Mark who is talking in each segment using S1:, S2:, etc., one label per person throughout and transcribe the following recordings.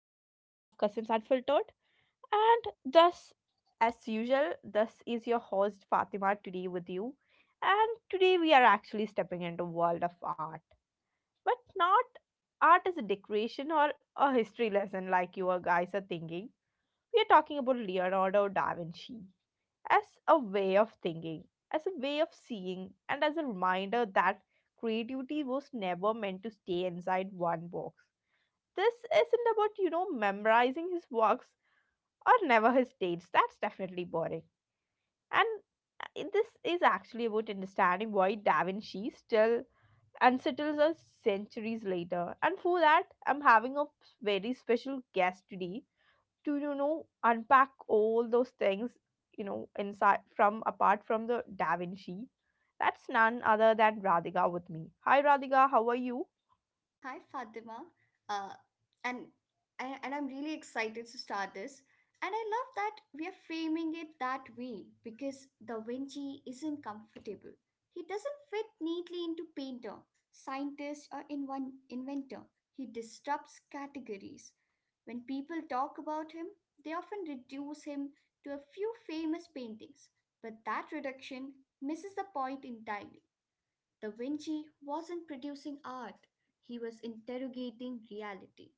S1: Cousins Unfiltered. And thus, as usual, this is your host Fatima today with you. And today, we are actually stepping into world of art, but not art as a decoration or a history lesson like you guys are thinking. We are talking about Leonardo da Vinci as a way of thinking, as a way of seeing, and as a reminder that creativity was never meant to stay inside one box. This isn't about memorizing his works or never his dates. That's definitely boring. And this is actually about understanding why da Vinci still unsettles us centuries later. And for that, I'm having a very special guest today to unpack all those things, inside from apart from the da Vinci. That's none other than Radhika with me. Hi Radhika, how are you?
S2: Hi, Fatima. Uh, and And I'm really excited to start this. And I love that we are framing it that way because Da Vinci isn't comfortable. He doesn't fit neatly into painter, scientist, or in one inventor. He disrupts categories. When people talk about him, they often reduce him to a few famous paintings, but that reduction misses the point entirely. Da Vinci wasn't producing art, he was interrogating reality.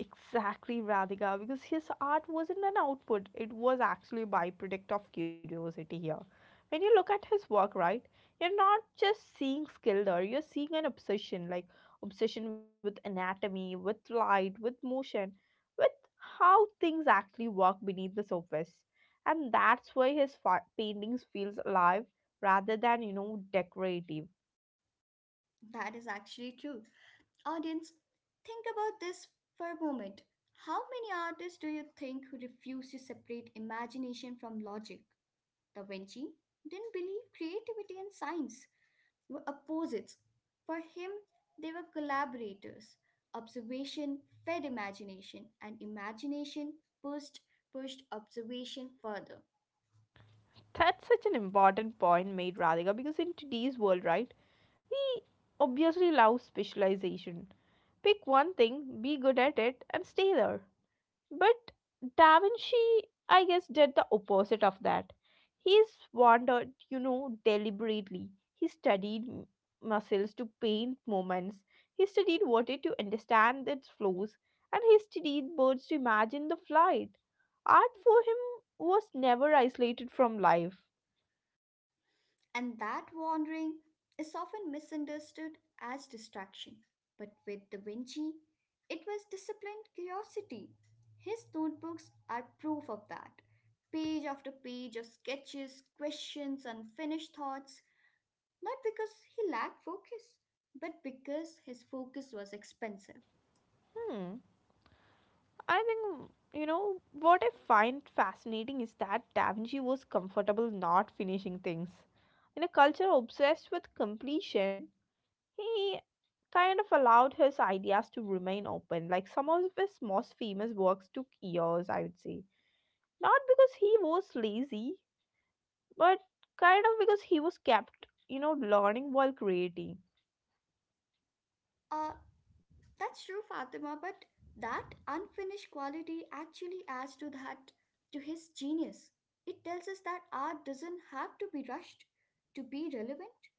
S1: Exactly, Radhika, because his art wasn't an output, it was actually a byproduct of curiosity here. When you look at his work, right, you're not just seeing skill there, you're seeing an obsession, like obsession with anatomy, with light, with motion, with how things actually work beneath the surface. And that's why his paintings feels alive rather than, you know, decorative.
S2: That is actually true. Audience, think about this for a moment. How many artists do you think who refuse to separate imagination from logic? Da Vinci didn't believe creativity and science were opposites. For him, they were collaborators. Observation fed imagination, and imagination pushed pushed observation further.
S1: That's such an important point made, Radhika, because in today's world, right, we obviously love specialization. Pick one thing, be good at it, and stay there. But Da Vinci, I guess, did the opposite of that. He's wandered, you know, deliberately. He studied muscles to paint moments. He studied water to understand its flows. And he studied birds to imagine the flight. Art for him was never isolated from life.
S2: And that wandering is often misunderstood as distraction. But with Da Vinci, it was disciplined curiosity. His notebooks are proof of that. Page after page of sketches, questions, unfinished thoughts, not because he lacked focus, but because his focus was expensive.
S1: Hmm. I think, you know, what I find fascinating is that Da Vinci was comfortable not finishing things. In a culture obsessed with completion, he kind of allowed his ideas to remain open. Like some of his most famous works took years, I would say. Not because he was lazy, but kind of because he was kept, you know, learning while creating.
S2: Uh, That's true, Fatima, but that unfinished quality actually adds to that, to his genius. It tells us that art doesn't have to be rushed to be relevant.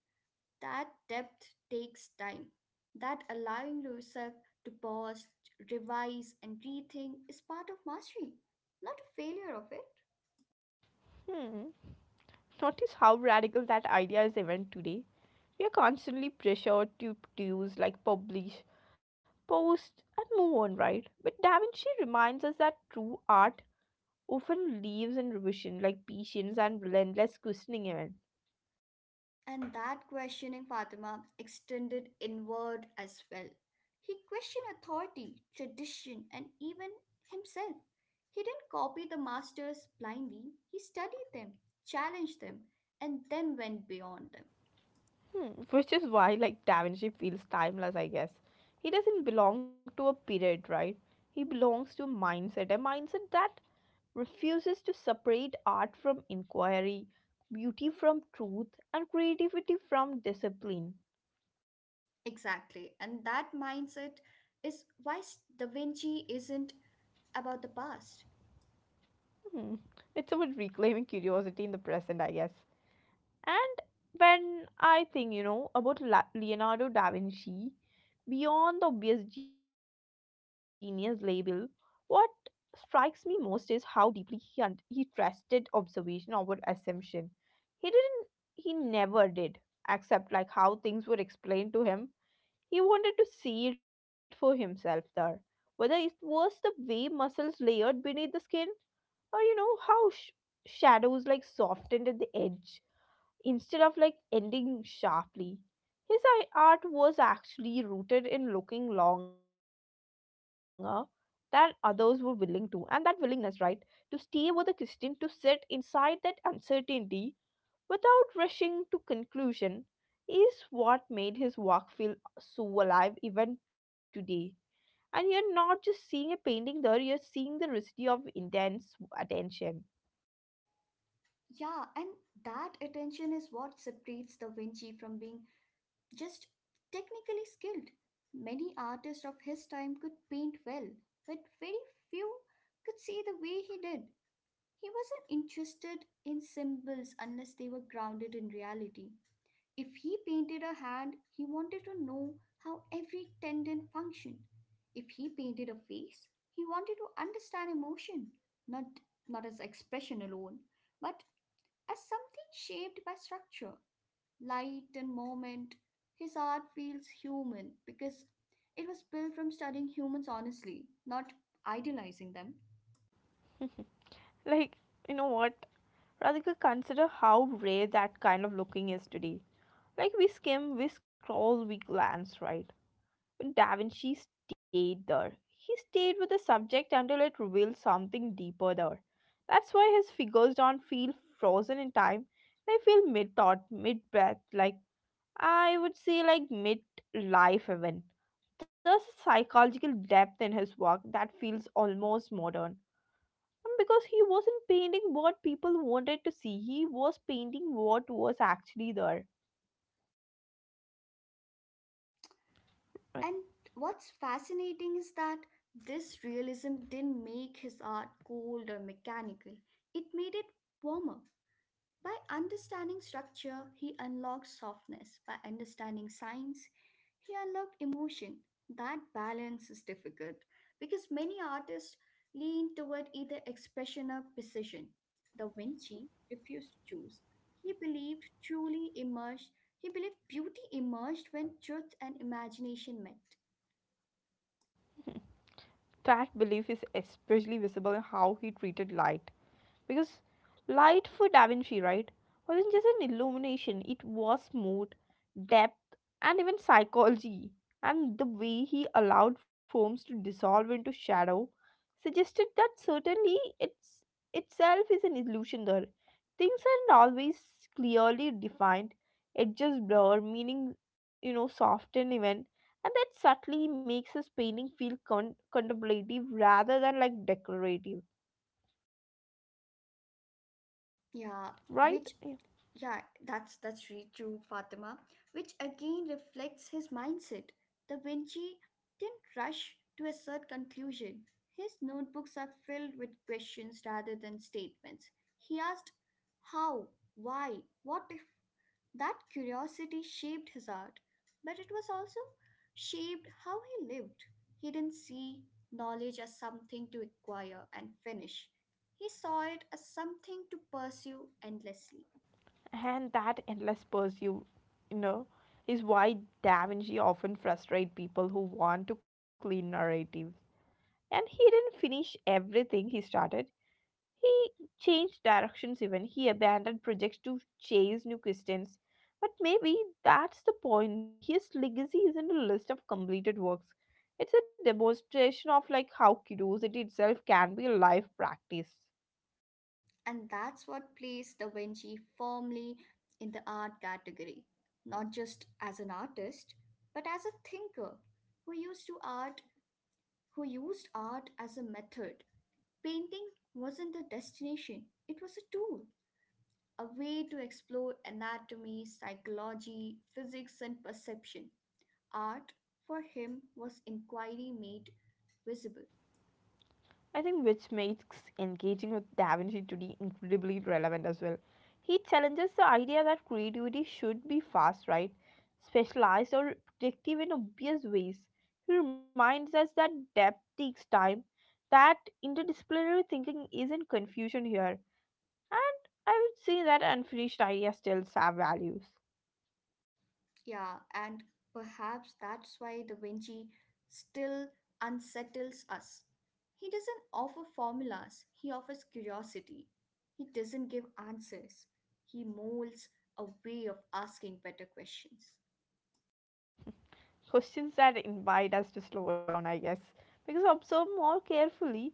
S2: That depth takes time. That allowing yourself to pause, revise, and rethink is part of mastery, not a failure of it.
S1: Hmm. Notice how radical that idea is even today. We are constantly pressured to produce, like publish, post, and move on, right? But Da Vinci reminds us that true art often leaves in revision, like patience and relentless questioning even.
S2: And that questioning, Fatima, extended inward as well. He questioned authority, tradition, and even himself. He didn't copy the masters blindly, he studied them, challenged them, and then went beyond them.
S1: Hmm, which is why, like, Da Vinci feels timeless, I guess. He doesn't belong to a period, right? He belongs to a mindset that refuses to separate art from inquiry, beauty from truth, and creativity from discipline.
S2: Exactly. And that mindset is why Da Vinci isn't about the past.
S1: Hmm. It's about reclaiming curiosity in the present, I guess. And when I think, you know, about Leonardo da Vinci, beyond the obvious genius label, what strikes me most is how deeply he trusted observation over assumption. He didn't he never did accept like how things were explained to him. He wanted to see it for himself there. Whether it was the way muscles layered beneath the skin or you know how shadows like softened at the edge. Instead of like ending sharply, his art was actually rooted in looking longer than others were willing to, and that willingness, right, to stay with a Christian, to sit inside that uncertainty without rushing to conclusion, is what made his work feel so alive even today. And you're not just seeing a painting there, you're seeing the residue of intense attention.
S2: Yeah, and that attention is what separates Da Vinci from being just technically skilled. Many artists of his time could paint well, but very few could see the way he did. He wasn't interested in symbols unless they were grounded in reality. If he painted a hand, he wanted to know how every tendon functioned. If he painted a face, he wanted to understand emotion, not, not as expression alone, but as something shaped by structure light and moment. His art feels human because it was built from studying humans honestly, not idealizing them.
S1: Like, you know what Radhika, consider how rare that kind of looking is today. Like we skim, we scroll, we glance, right? But Da Vinci stayed there. He stayed with the subject until it revealed something deeper there. That's why his figures don't feel frozen in time. They feel mid thought, mid breath, like I would say, like mid life even. There's a psychological depth in his work that feels almost modern. Because he wasn't painting what people wanted to see, he was painting what was actually there, right?
S2: And what's fascinating is that this realism didn't make his art cold or mechanical, it made it warmer. By understanding structure, he unlocked softness. By understanding science, he unlocked emotion. That balance is difficult because many artists lean toward either expression or precision. Da Vinci refused to choose. He believed truly emerged, he believed beauty emerged when truth and imagination met.
S1: That belief is especially visible in how he treated light. Because light for Da Vinci, right, wasn't just an illumination, it was mood, depth, and even psychology. And the way he allowed forms to dissolve into shadow suggested that certainly it's itself is an illusion there. Things aren't always clearly defined, it just blur, meaning, you know, soft and even. And that subtly makes his painting feel contemplative rather than like decorative,
S2: Yeah,
S1: right?
S2: which yeah, that's really true, Fatima. Which again reflects his mindset. Da Vinci didn't rush to a certain conclusion. His notebooks are filled with questions rather than statements. He asked how, why, what if that curiosity shaped his art, but it was also shaped how he lived. He didn't see knowledge as something to acquire and finish, he saw it as something to pursue endlessly.
S1: And that endless pursuit, you know, is why Da Vinci often frustrates people who want to clean narratives. And he didn't finish everything he started. He changed directions even. He abandoned projects to chase new questions. But maybe that's the point. His legacy isn't a list of completed works. It's a demonstration of like how curiosity itself can be a life practice.
S2: And that's what placed Da Vinci firmly in the art category, not just as an artist, but as a thinker who used to art who used art as a method. Painting wasn't a destination, it was a tool, a way to explore anatomy, psychology, physics, and perception. Art, for him, was inquiry made visible.
S1: I think which makes engaging with Da Vinci today incredibly relevant as well. He challenges the idea that creativity should be fast, right? Specialized or predictive in obvious ways. He reminds us that depth takes time, that interdisciplinary thinking isn't confusion here. And I would say that unfinished ideas still have values.
S2: Yeah, and perhaps that's why Da Vinci still unsettles us. He doesn't offer formulas, he offers curiosity. He doesn't give answers, he molds a way of asking better questions.
S1: Questions that invite us to slow down, I guess, because observe more carefully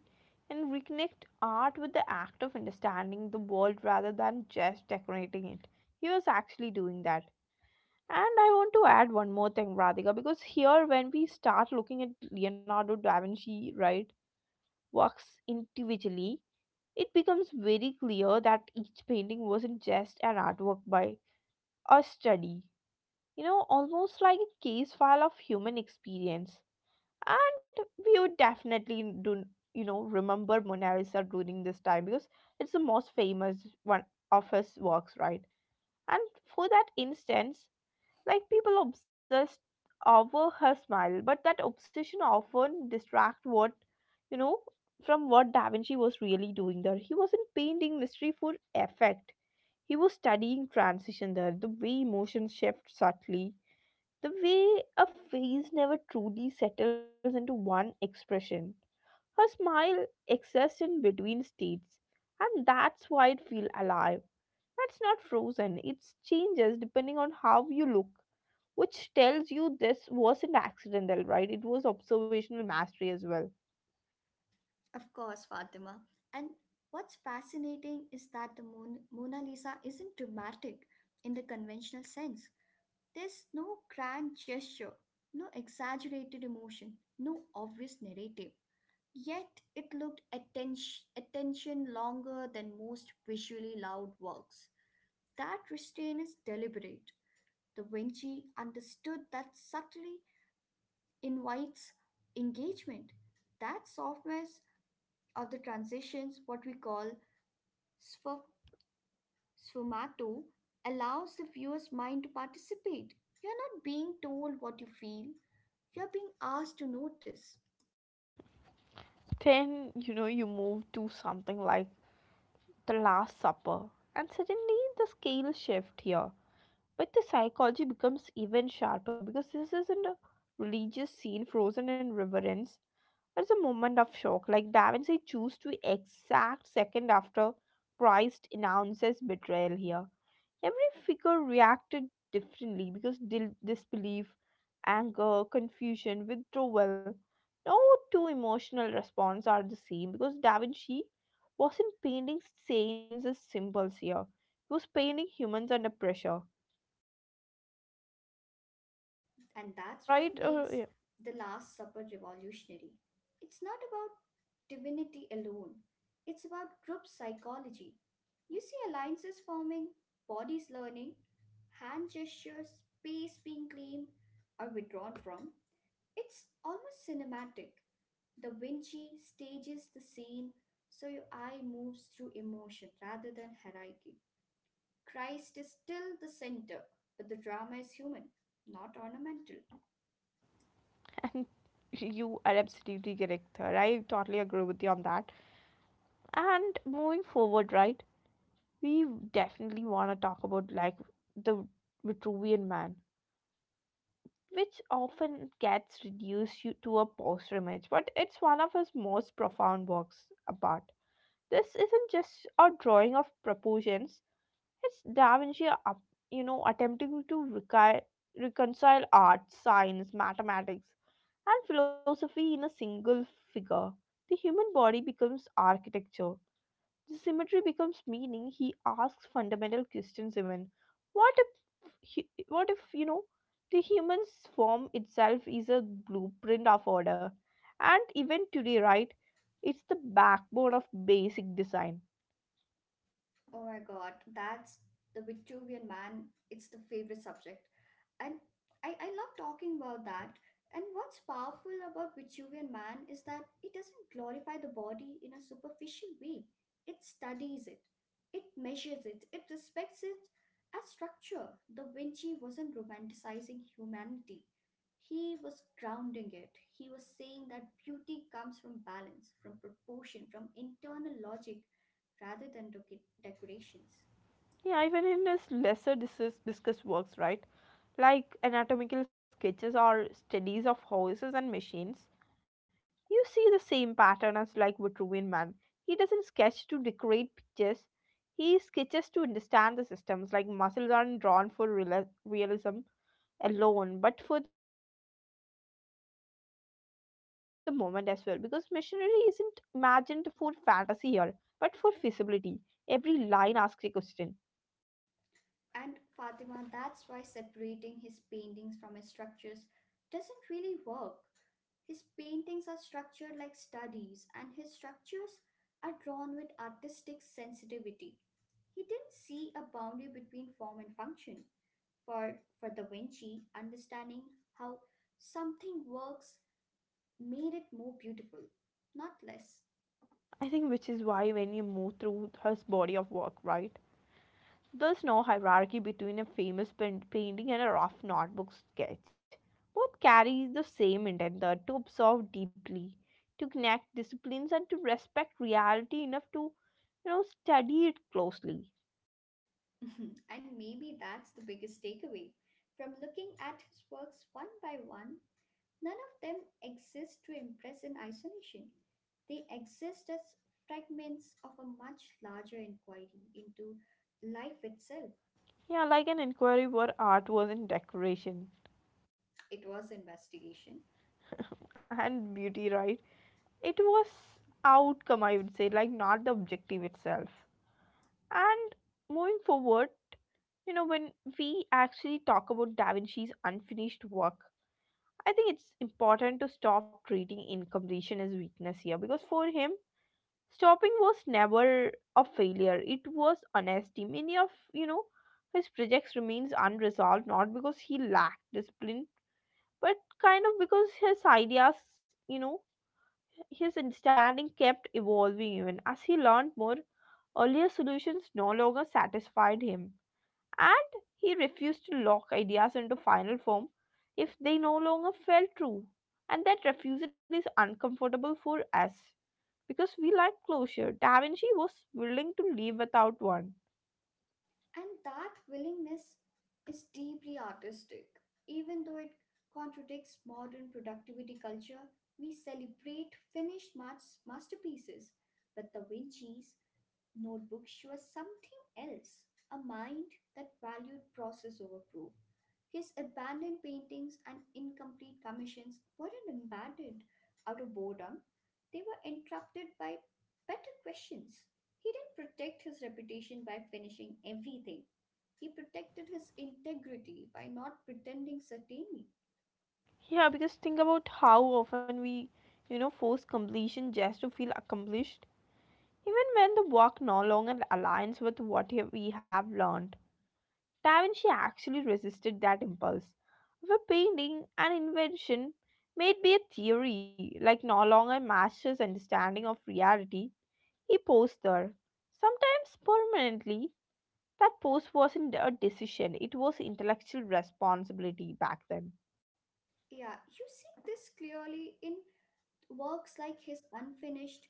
S1: and reconnect art with the act of understanding the world rather than just decorating it. He was actually doing that. And I want to add one more thing, Radhika, because here when we start looking at Leonardo da Vinci, right, works individually, it becomes very clear that each painting wasn't just an artwork by a study, you know, almost like a case file of human experience. And we would definitely do, you know, remember Mona Lisa during this time because it's the most famous one of his works, right? And for that instance, like people obsessed over her smile, but that obsession often distract what, you know, from what da Vinci was really doing there. He wasn't painting mystery for effect, he was studying transition there, the way emotions shift subtly, the way a face never truly settles into one expression. Her smile exists in between states, and that's why it feels alive. That's not frozen, it changes depending on how you look, which tells you this wasn't accidental, right? It was observational mastery as well.
S2: Of course, Fatima. And what's fascinating is that the Mona Lisa isn't dramatic in the conventional sense. There's no grand gesture, no exaggerated emotion, no obvious narrative. Yet it looked attention longer than most visually loud works. That restraint is deliberate. Da Vinci understood that subtly invites engagement. That softness of the transitions, what we call Sf- Sfumato allows the viewer's mind to participate. You're not being told what you feel, you're being asked to notice.
S1: Then, you know, you move to something like The Last Supper, and suddenly the scale shift here. But the psychology becomes even sharper because this isn't a religious scene frozen in reverence. It's a moment of shock. Like Da Vinci chose to exact second after Christ announces betrayal here. Every figure reacted differently because disbelief, anger, confusion, withdrawal. No two emotional response are the same because Da Vinci wasn't painting saints as symbols here. He was painting humans under pressure.
S2: And that's
S1: Right?
S2: what
S1: Yeah.
S2: makes The Last Supper revolutionary. It's not about divinity alone, it's about group psychology. You see alliances forming, bodies learning, hand gestures, space being claimed or withdrawn from. It's almost cinematic. The Vinci stages the scene so your eye moves through emotion rather than hierarchy. Christ is still the center, but the drama is human, not ornamental.
S1: And you are absolutely correct, sir. I totally agree with you on that. And moving forward, right, we definitely want to talk about like the Vitruvian Man, which often gets reduced to a poster image, but it's one of his most profound works apart. This isn't just a drawing of proportions. It's Da Vinci, you know, attempting to reconcile art, science, mathematics, and philosophy in a single figure. The human body becomes architecture. The symmetry becomes meaning. He asks fundamental questions even. What if, what if, you know, the human's form itself is a blueprint of order? And even today, right, it's the backbone of basic design.
S2: Oh my god, that's the Vitruvian man. It's the favorite subject. And I love talking about that. And what's powerful about Vitruvian man is that it doesn't glorify the body in a superficial way. It studies it, it measures it, it respects it as structure. Da Vinci wasn't romanticizing humanity, he was grounding it. He was saying that beauty comes from balance, from proportion, from internal logic rather than decorations.
S1: Yeah, even in his lesser discussed works, right, like anatomical sketches or studies of horses and machines, you see the same pattern as like Vitruvian Man. He doesn't sketch to decorate pictures. He sketches to understand the systems. Like muscles aren't drawn for realism alone, but for the moment as well. Because machinery isn't imagined for fantasy here, but for feasibility. Every line asks a question.
S2: And Fatima, that's why separating his paintings from his structures doesn't really work. His paintings are structured like studies, and his structures are drawn with artistic sensitivity. He didn't see a boundary between form and function. For Da Vinci, understanding how something works made it more beautiful, not less.
S1: I think which is why when you move through his body of work, right? There's no hierarchy between a famous painting and a rough notebook sketch. Both carry the same intent there, to observe deeply, to connect disciplines and to respect reality enough to, you know, study it closely.
S2: And maybe that's the biggest takeaway. From looking at his works one by one, none of them exist to impress in isolation. They exist as fragments of a much larger inquiry into life itself.
S1: Yeah, like an inquiry where art wasn't decoration
S2: It was investigation.
S1: and beauty, right? It was outcome, I would say, like not the objective itself. And moving forward, you know, when we actually talk about Da Vinci's unfinished work, I think it's important to stop treating incompletion as weakness here because for him, stopping was never a failure. It was honesty. Many of, you know, his projects remains unresolved not because he lacked discipline, but kind of because his ideas, you know, his understanding kept evolving even as he learned more. Earlier solutions no longer satisfied him and he refused to lock ideas into final form if they no longer felt true. And that refusal is uncomfortable for us because we like closure. Da Vinci was willing to live without one.
S2: And that willingness is deeply artistic. Even though it contradicts modern productivity culture, we celebrate finished masterpieces. But the Vinci Notebooks she was something else, a mind that valued process over proof. His abandoned paintings and incomplete commissions weren't abandoned out of boredom, they were interrupted by better questions. He didn't protect his reputation by finishing everything. He protected his integrity by not pretending certainty.
S1: Yeah, because think about how often we, force completion just to feel accomplished, even when the work no longer aligns with what we have learned. Da Vinci actually resisted that impulse. For painting, an invention may be a theory, like no longer master's understanding of reality, he posed there. Sometimes permanently, that pose wasn't a decision, it was intellectual responsibility back then.
S2: Yeah, you see this clearly in works like his unfinished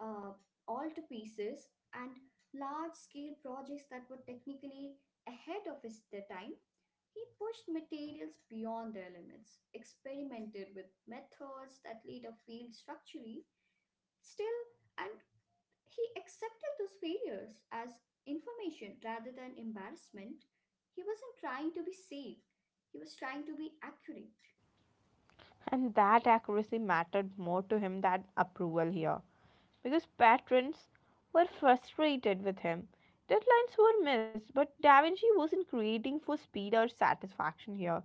S2: uh, all pieces and large scale projects that were technically ahead of his the time. He pushed materials beyond their limits, experimented with methods that later failed structurally, still, and he accepted those failures as information rather than embarrassment. He wasn't trying to be safe, he was trying to be accurate.
S1: And that accuracy mattered more to him than approval here, because patrons were frustrated with him. Deadlines were missed, but Da Vinci wasn't creating for speed or satisfaction here.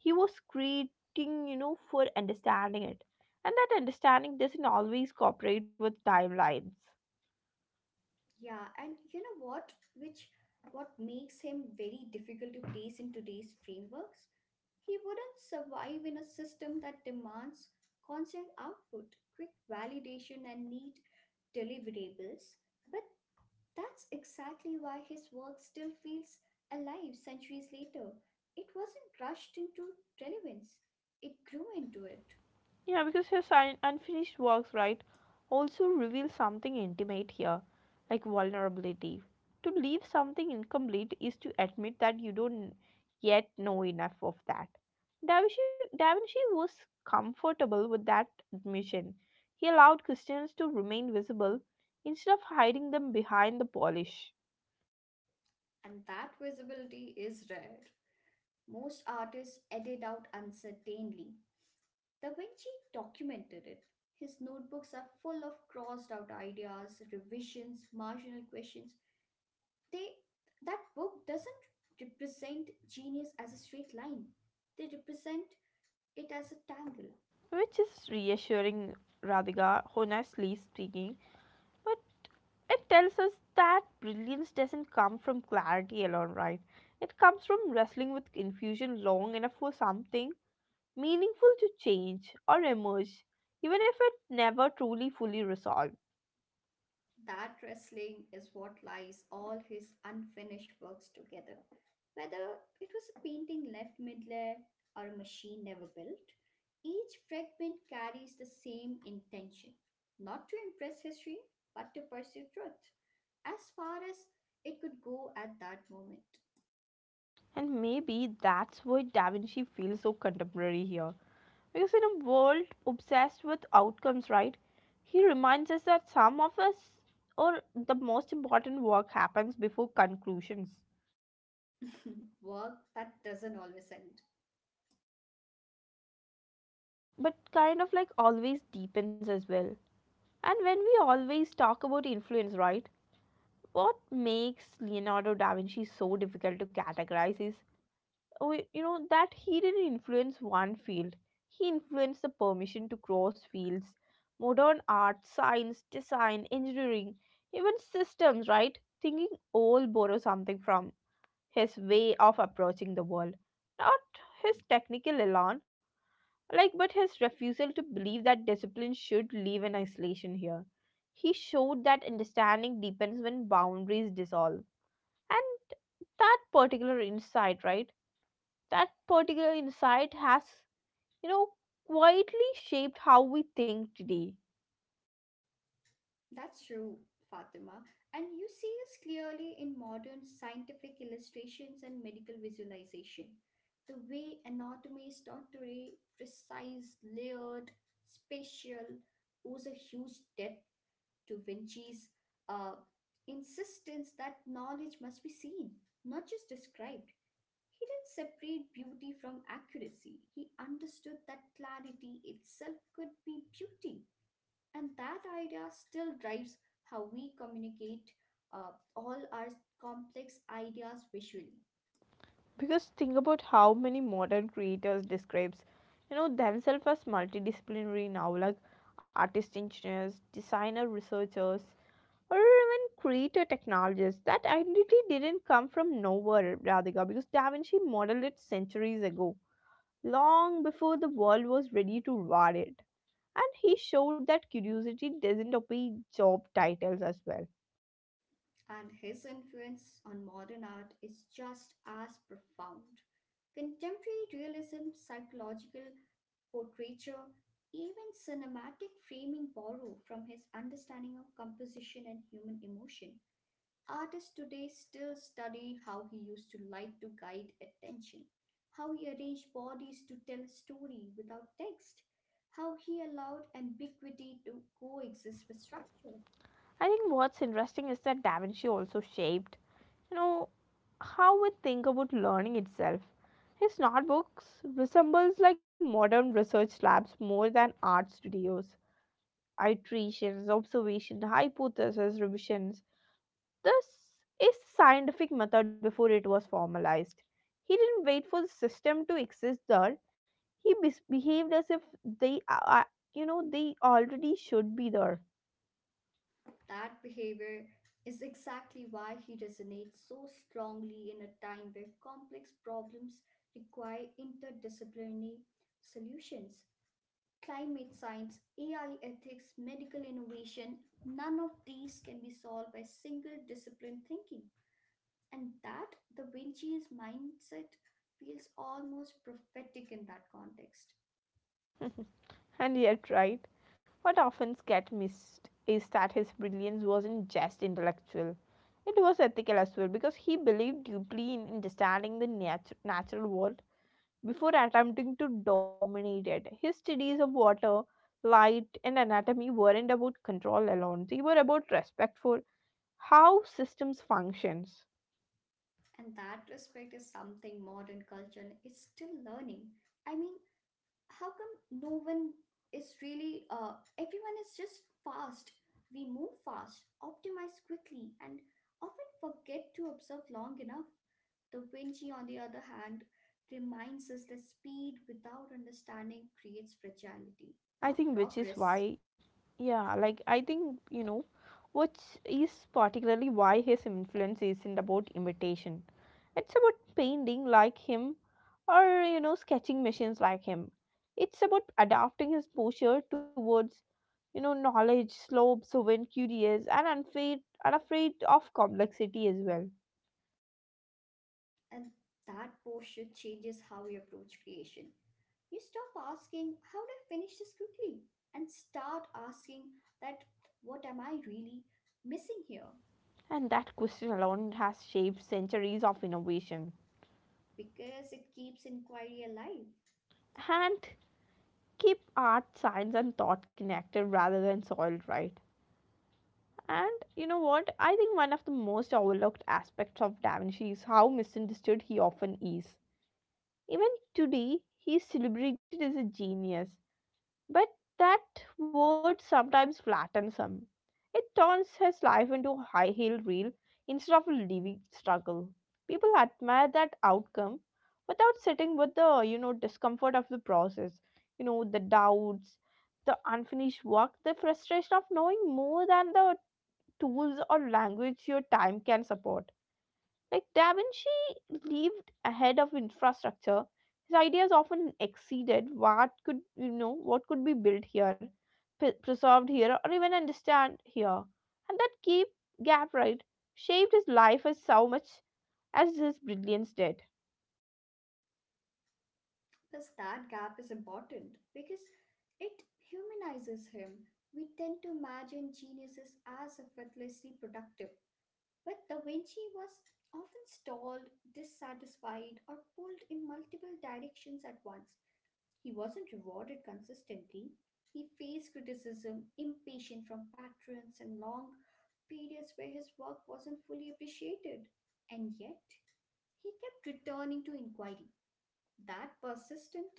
S1: He was creating, for understanding it. And that understanding doesn't always cooperate with timelines.
S2: Yeah, and you know what? Which what makes him very difficult to place in today's frameworks? He wouldn't survive in a system that demands constant output, quick validation, and neat deliverables. But that's exactly why his work still feels alive centuries later. It wasn't rushed into relevance, it grew into it.
S1: Yeah, because his unfinished works, right, also reveal something intimate here, like vulnerability. To leave something incomplete is to admit that you don't yet know enough of that. Da Vinci was comfortable with that admission. He allowed Christians to remain visible instead of hiding them behind the polish,
S2: And that visibility is rare. Most artists edit out uncertainly. Da Vinci documented it. His notebooks are full of crossed out ideas, revisions, marginal questions. They That book doesn't represent genius as a straight line. They represent it as a tangle.
S1: which is reassuring, Radhika, honestly speaking. But it tells us that brilliance doesn't come from clarity alone, right? It comes from wrestling with confusion long enough for something meaningful to change or emerge, even if it never truly fully resolved.
S2: That wrestling is what lies all his unfinished works together. Whether it was a painting left mid-layer or a machine never built, each fragment carries the same intention not to impress history, but to pursue truth as far as it could go at that moment.
S1: And maybe that's why Da Vinci feels so contemporary here. Because in a world obsessed with outcomes, right? He reminds us that some of us or the most important work happens before conclusions,
S2: Work that doesn't always end.
S1: but kind of like always deepens as well. And when we always talk about influence, right? What makes Leonardo da Vinci so difficult to categorize is, that he didn't influence one field. He influenced the permission to cross fields, modern art, science, design, engineering, even systems, right? Thinking all borrow something from his way of approaching the world, not his technical elan like, but his refusal to believe that discipline should live in isolation here. He showed that understanding deepens when boundaries dissolve. And that particular insight, right? That particular insight has, you know, quietly shaped how we think today.
S2: That's true, Fatima. And you see this clearly in modern scientific illustrations and medical visualization. The way anatomy is taught today, precise, layered, spatial, owes a huge depth to Vinci's uh, insistence that knowledge must be seen, not just described. He didn't separate beauty from accuracy. He understood that clarity itself could be beauty and that idea still drives how we communicate all our complex ideas visually.
S1: Because think about how many modern creators describes, themselves as multidisciplinary now, like artist engineers, designer researchers, or even creator technologies. That identity didn't come from nowhere, Radhika, because Da Vinci modeled it centuries ago, long before the world was ready to reward it. And he showed that curiosity doesn't obey job titles as well.
S2: And his influence on modern art is just as profound. Contemporary realism, psychological portraiture, even cinematic framing borrow from his understanding of composition and human emotion. Artists today still study how he used to light to guide attention, how he arranged bodies to tell a story without text, how he allowed ambiguity to coexist with structure.
S1: I think what's interesting is that Da Vinci also shaped, you know, how we think about learning itself. His notebooks resembles like modern research labs more than art studios iterations, observation, hypothesis, revisions. This is scientific method before it was formalized. He didn't wait for the system to exist there. He behaved as if they are, they already should be there.
S2: That behavior is exactly why he resonates so strongly in a time where complex problems require interdisciplinary solutions. Climate science, AI ethics, medical innovation, none of these can be solved by single discipline thinking. And that Da Vinci's mindset feels almost prophetic in that context.
S1: And yet, right, what often gets missed is that his brilliance wasn't just intellectual. It was ethical as well because he believed deeply in understanding the natural world before attempting to dominate it. His studies of water, light, and anatomy weren't about control alone, they were about respect for how systems functions.
S2: And that respect is something modern culture is still learning. I mean, how come no one is really, everyone is just fast? We move fast, optimize quickly, and often forget to observe long enough. The Vinci, on the other hand, reminds us that speed without understanding creates fragility,
S1: I
S2: not
S1: think which is
S2: progress.
S1: why, yeah, like I think which is particularly why his influence isn't about imitation. It's about painting like him or, sketching machines like him. It's about adapting his posture towards knowledge slopes when curious and unfair and afraid of complexity as well,
S2: And that posture changes how we approach creation. You stop asking, how do I finish this quickly? And start asking that what am I really missing here?
S1: and that question alone has shaped centuries of innovation
S2: Because it keeps inquiry alive.
S1: and keep art science and thought connected rather than soiled, right? And you know what I think one of the most overlooked aspects of Da Vinci is how misunderstood he often is, even today he is celebrated as a genius. But that word sometimes flattens him. It turns his life into a high heel reel instead of a living struggle. People admire that outcome without sitting with the discomfort of the process, the doubts, the unfinished work, the frustration of knowing more than the tools or language your time can support. Like Da Vinci lived ahead of infrastructure. His ideas often exceeded what could be built here, preserved here, or even understand here. And that keep gap right shaped his life as so much as his brilliance did.
S2: Plus, that gap is important because it humanizes him. We tend to imagine geniuses as effortlessly productive. But Da Vinci was often stalled, dissatisfied, or pulled in multiple directions at once. He wasn't rewarded consistently. He faced criticism, impatience from patrons, and long periods where his work wasn't fully appreciated. And yet, he kept returning to inquiry. That persistent,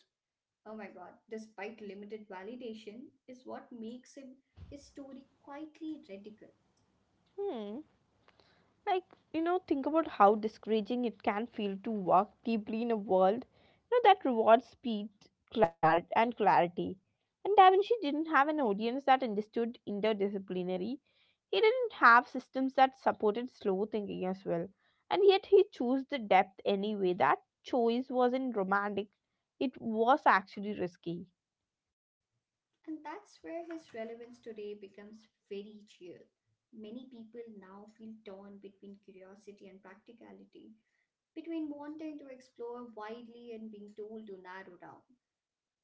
S2: oh my god, despite limited validation, is what makes him historically quietly radical.
S1: Hmm. Like think about how discouraging it can feel to work deeply in a world that rewards speed, clarity, and clarity. And Da Vinci didn't have an audience that understood interdisciplinary. He didn't have systems that supported slow thinking as well, and yet he chose the depth anyway. That choice wasn't romantic, it was actually risky.
S2: And that's where his relevance today becomes very real. Many people now feel torn between curiosity and practicality, between wanting to explore widely and being told to narrow down.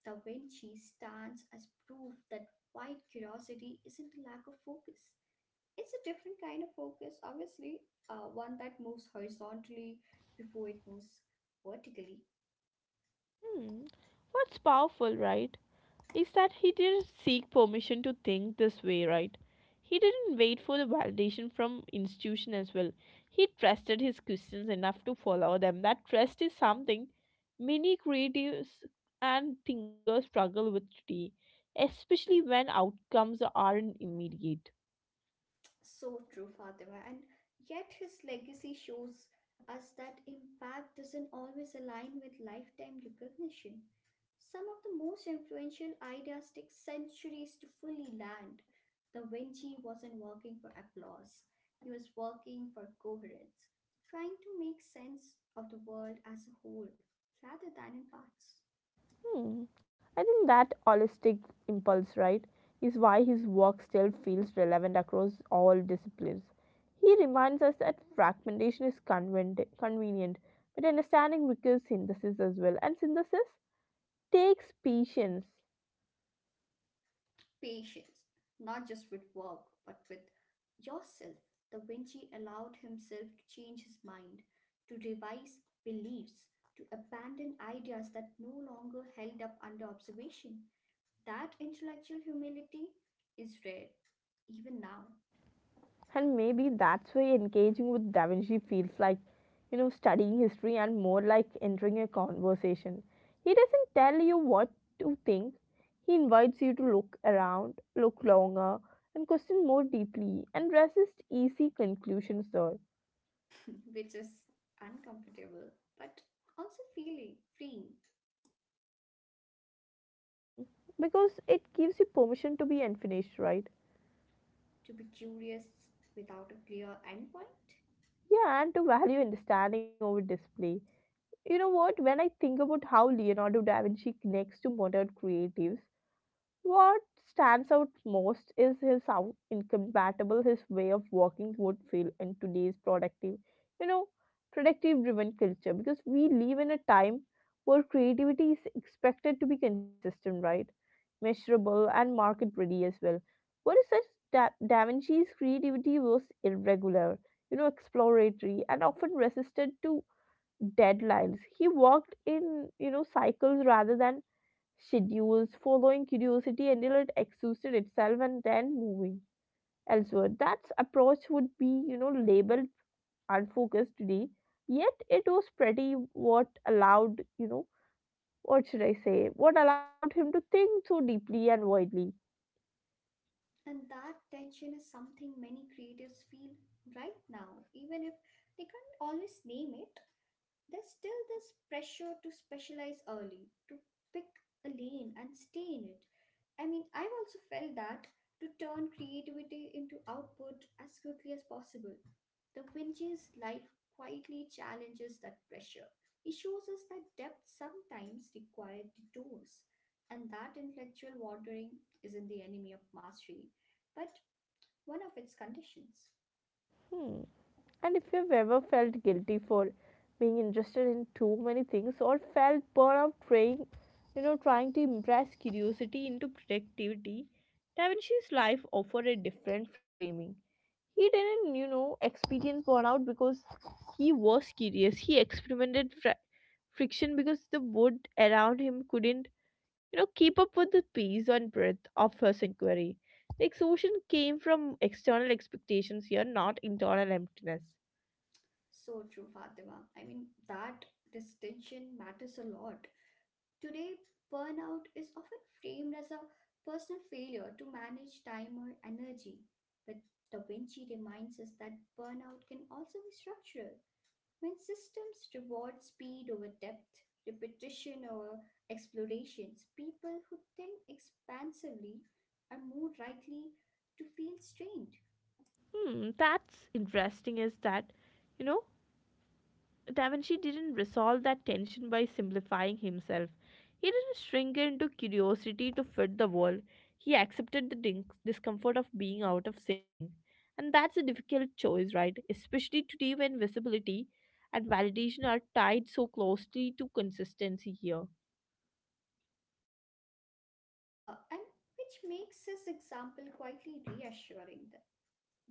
S2: The Vinci stands as proof that wide curiosity isn't a lack of focus. It's a different kind of focus, obviously, one that moves horizontally before it moves vertically.
S1: Hmm. What's powerful, right? Is that he didn't seek permission to think this way, right? He didn't wait for the validation from institution as well. He trusted his questions enough to follow them. That trust is something many creatives and thinkers struggle with today, especially when outcomes aren't immediate.
S2: So true, Fatima. And yet his legacy shows us that impact doesn't always align with lifetime recognition. Some of the most influential ideas take centuries to fully land. Da Vinci wasn't working for applause, he was working for coherence, trying to make sense of the world as a whole rather than in parts.
S1: Hmm. I think that holistic impulse, right, is why his work still feels relevant across all disciplines. He reminds us that fragmentation is convenient, but understanding requires synthesis as well, and synthesis takes patience.
S2: Patience, not just with work, but with yourself. The Vinci allowed himself to change his mind, to revise beliefs, to abandon ideas that no longer held up under observation. That intellectual humility is rare, even now.
S1: And maybe that's why engaging with Da Vinci feels like, studying history and more like entering a conversation. He doesn't tell you what to think, he invites you to look around, look longer, and question more deeply, and resist easy conclusions there.
S2: Which is uncomfortable, but also feeling freeing
S1: Because it gives you permission to be unfinished, right?
S2: to be curious without a clear endpoint.
S1: Yeah, and to value understanding over display. You know what? When I think about how Leonardo da Vinci connects to modern creatives, what stands out most is his how incompatible his way of working would feel in today's productive, you know, productive driven culture, because we live in a time where creativity is expected to be consistent, right? Measurable and market ready as well. What is such da Vinci's creativity was irregular, exploratory and often resisted to deadlines. He worked in, cycles rather than schedules, following curiosity until it exhausted itself and then moving elsewhere. That approach would be, labeled unfocused today, yet it was pretty what allowed, what should I say, what allowed him to think so deeply and widely.
S2: And that tension is something many creatives feel right now, even if they can't always name it. There's still this pressure to specialize early, to pick a lane and stay in it. I mean, I've also felt that to turn creativity into output as quickly as possible. The Vince's life quietly challenges that pressure. He shows us that depth sometimes requires detours, and that intellectual wandering isn't the enemy of mastery, but one of its conditions.
S1: Hmm. And if you've ever felt guilty for being interested in too many things or felt burnout trying, trying to impress curiosity into productivity, Da Vinci's life offered a different framing. He didn't, experience burnout because he was curious. He experimented friction because the wood around him couldn't, keep up with the pace and breadth of his inquiry. The exhaustion came from external expectations here, not internal emptiness.
S2: So true, Fatima. I mean, that distinction matters a lot. Today, burnout is often framed as a personal failure to manage time or energy. But Da Vinci reminds us that burnout can also be structural. When systems reward speed over depth, repetition over explorations, people who think expansively are more likely to feel strained.
S1: Hmm, that's interesting is that, you know, Da Vinci didn't resolve that tension by simplifying himself. He didn't shrink into curiosity to fit the world. He accepted the discomfort of being out of sync. And that's a difficult choice, right? Especially today when visibility and validation are tied so closely to consistency here.
S2: And which makes his example quietly reassuring,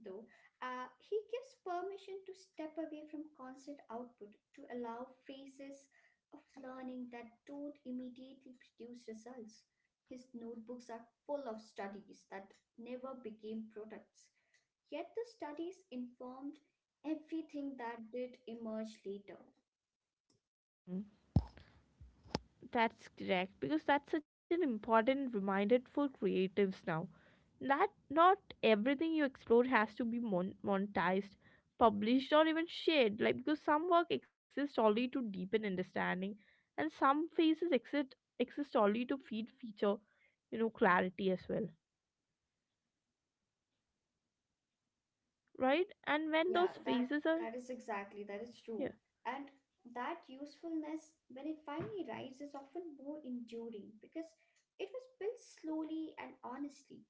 S2: though. He gives permission to step away from constant output to allow phases of learning that don't immediately produce results. His notebooks are full of studies that never became products, yet the studies informed everything that did emerge later.
S1: Hmm. That's correct because that's such an important reminder for creatives now that not everything you explore has to be monetized, published, or even shared. Like because some work exists only to deepen understanding, and some phases exist only to feed feature, clarity as well, right? And when those
S2: Yeah,
S1: phases are
S2: that is
S1: yeah,
S2: true. And that usefulness, when it finally arrives, is often more enduring because it was built slowly and honestly,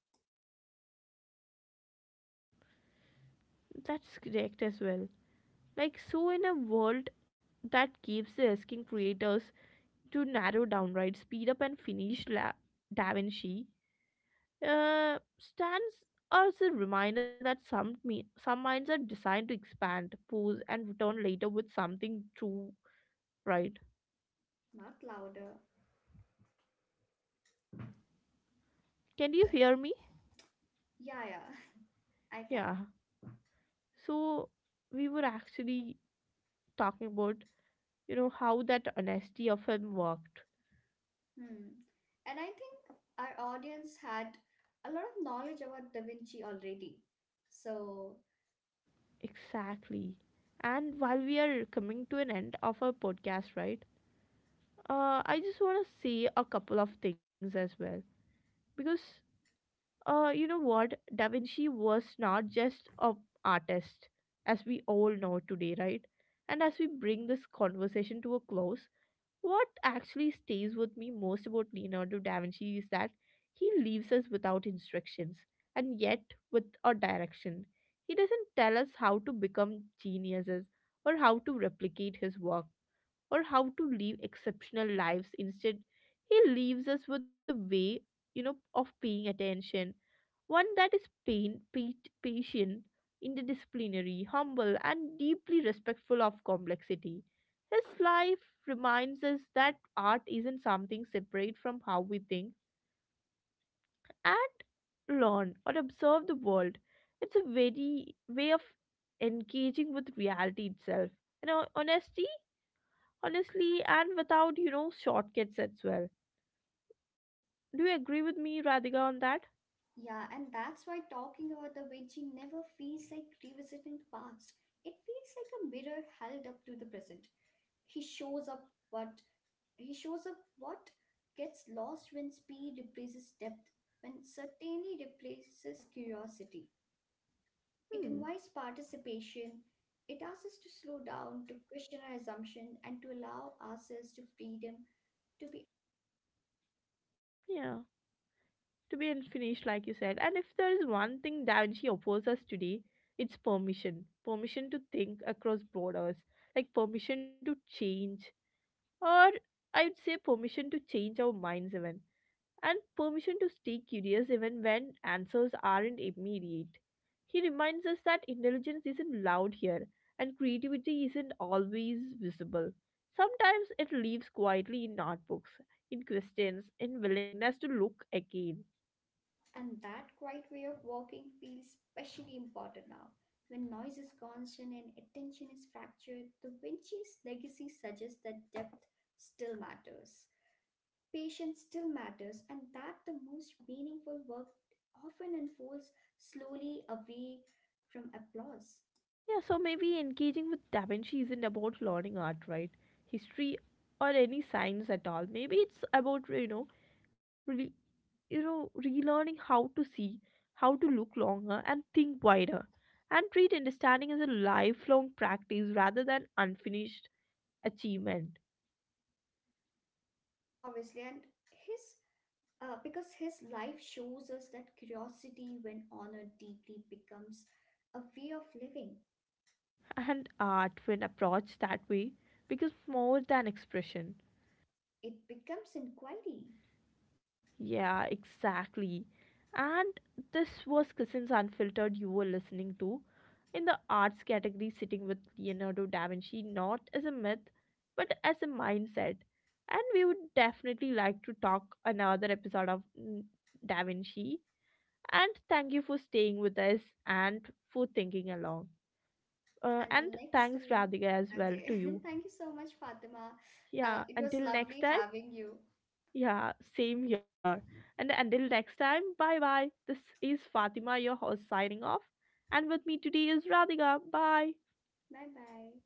S1: that's correct as well. Like so, in a world that keeps asking creators to narrow down, right, speed up and finish Da Vinci stands as a reminder that some some minds are designed to expand, pause, and return later with something true, right?
S2: not louder.
S1: Can you
S2: But
S1: hear me?
S2: yeah, yeah, I can.
S1: Yeah. So we were actually talking about how that honesty of him worked
S2: Hmm. And I think our audience had a lot of knowledge about Da Vinci already. So
S1: exactly. And while we are coming to an end of our podcast, right? I just want to say a couple of things as well because you know what? Da Vinci was not just an artist, as we all know today, right? And as we bring this conversation to a close, what actually stays with me most about Leonardo da Vinci is that he leaves us without instructions and yet with a direction. He doesn't tell us how to become geniuses or how to replicate his work or how to live exceptional lives. Instead, he leaves us with a way, of paying attention, one that is patient, interdisciplinary, humble, and deeply respectful of complexity. His life reminds us that art isn't something separate from how we think and learn or observe the world. It's a very way of engaging with reality itself. You know, honestly, and without, shortcuts as well. Do you agree with me, Radhika, on that?
S2: yeah, and that's why talking about Da Vinci never feels like revisiting the past. It feels like a mirror held up to the present. he shows up what he shows up what gets lost when speed replaces depth, when certainty replaces curiosity. It
S1: Hmm.
S2: invites participation. It asks us to slow down, to question our assumption, and to allow ourselves to freedom to be.
S1: Yeah, to be unfinished, like you said. And if there is one thing Da Vinci offers us today, it's permission to think across borders, like permission to change, or I'd say permission to change our minds, even, and permission to stay curious even when answers aren't immediate. He reminds us that intelligence isn't loud here and creativity isn't always visible. Sometimes it lives quietly in notebooks, in questions, in willingness to look again.
S2: And that quiet way of walking feels especially important now when noise is constant and attention is fractured. The Vinci's legacy suggests that depth still matters. Patience still matters, and that the most meaningful work often unfolds slowly away from applause.
S1: Yeah, so maybe engaging with Da Vinci isn't about learning art, right? History or any science at all. Maybe it's about, really, relearning how to see, how to look longer and think wider, and treat understanding as a lifelong practice rather than unfinished achievement.
S2: Obviously, and his because his life shows us that curiosity, when honored deeply, becomes a way of living.
S1: And art, when approached that way, becomes more than expression.
S2: It becomes inquiry.
S1: Yeah, exactly. And this was Cousins Unfiltered you were listening to. In the arts category, sitting with Leonardo da Vinci, not as a myth, but as a mindset. And we would definitely like to talk another episode of mm, Da Vinci. And thank you for staying with us and for thinking along.
S2: Until
S1: And
S2: next
S1: thanks,
S2: time.
S1: Radhika, as well
S2: Okay.
S1: to you.
S2: Thank you so much, Fatima. Uh,
S1: Yeah,
S2: it was
S1: until next
S2: lovely
S1: time.
S2: having you.
S1: Yeah, same here. And until next time, bye bye. This is Fatima, your host, signing off. And with me today is Radhika. Bye.
S2: Bye bye.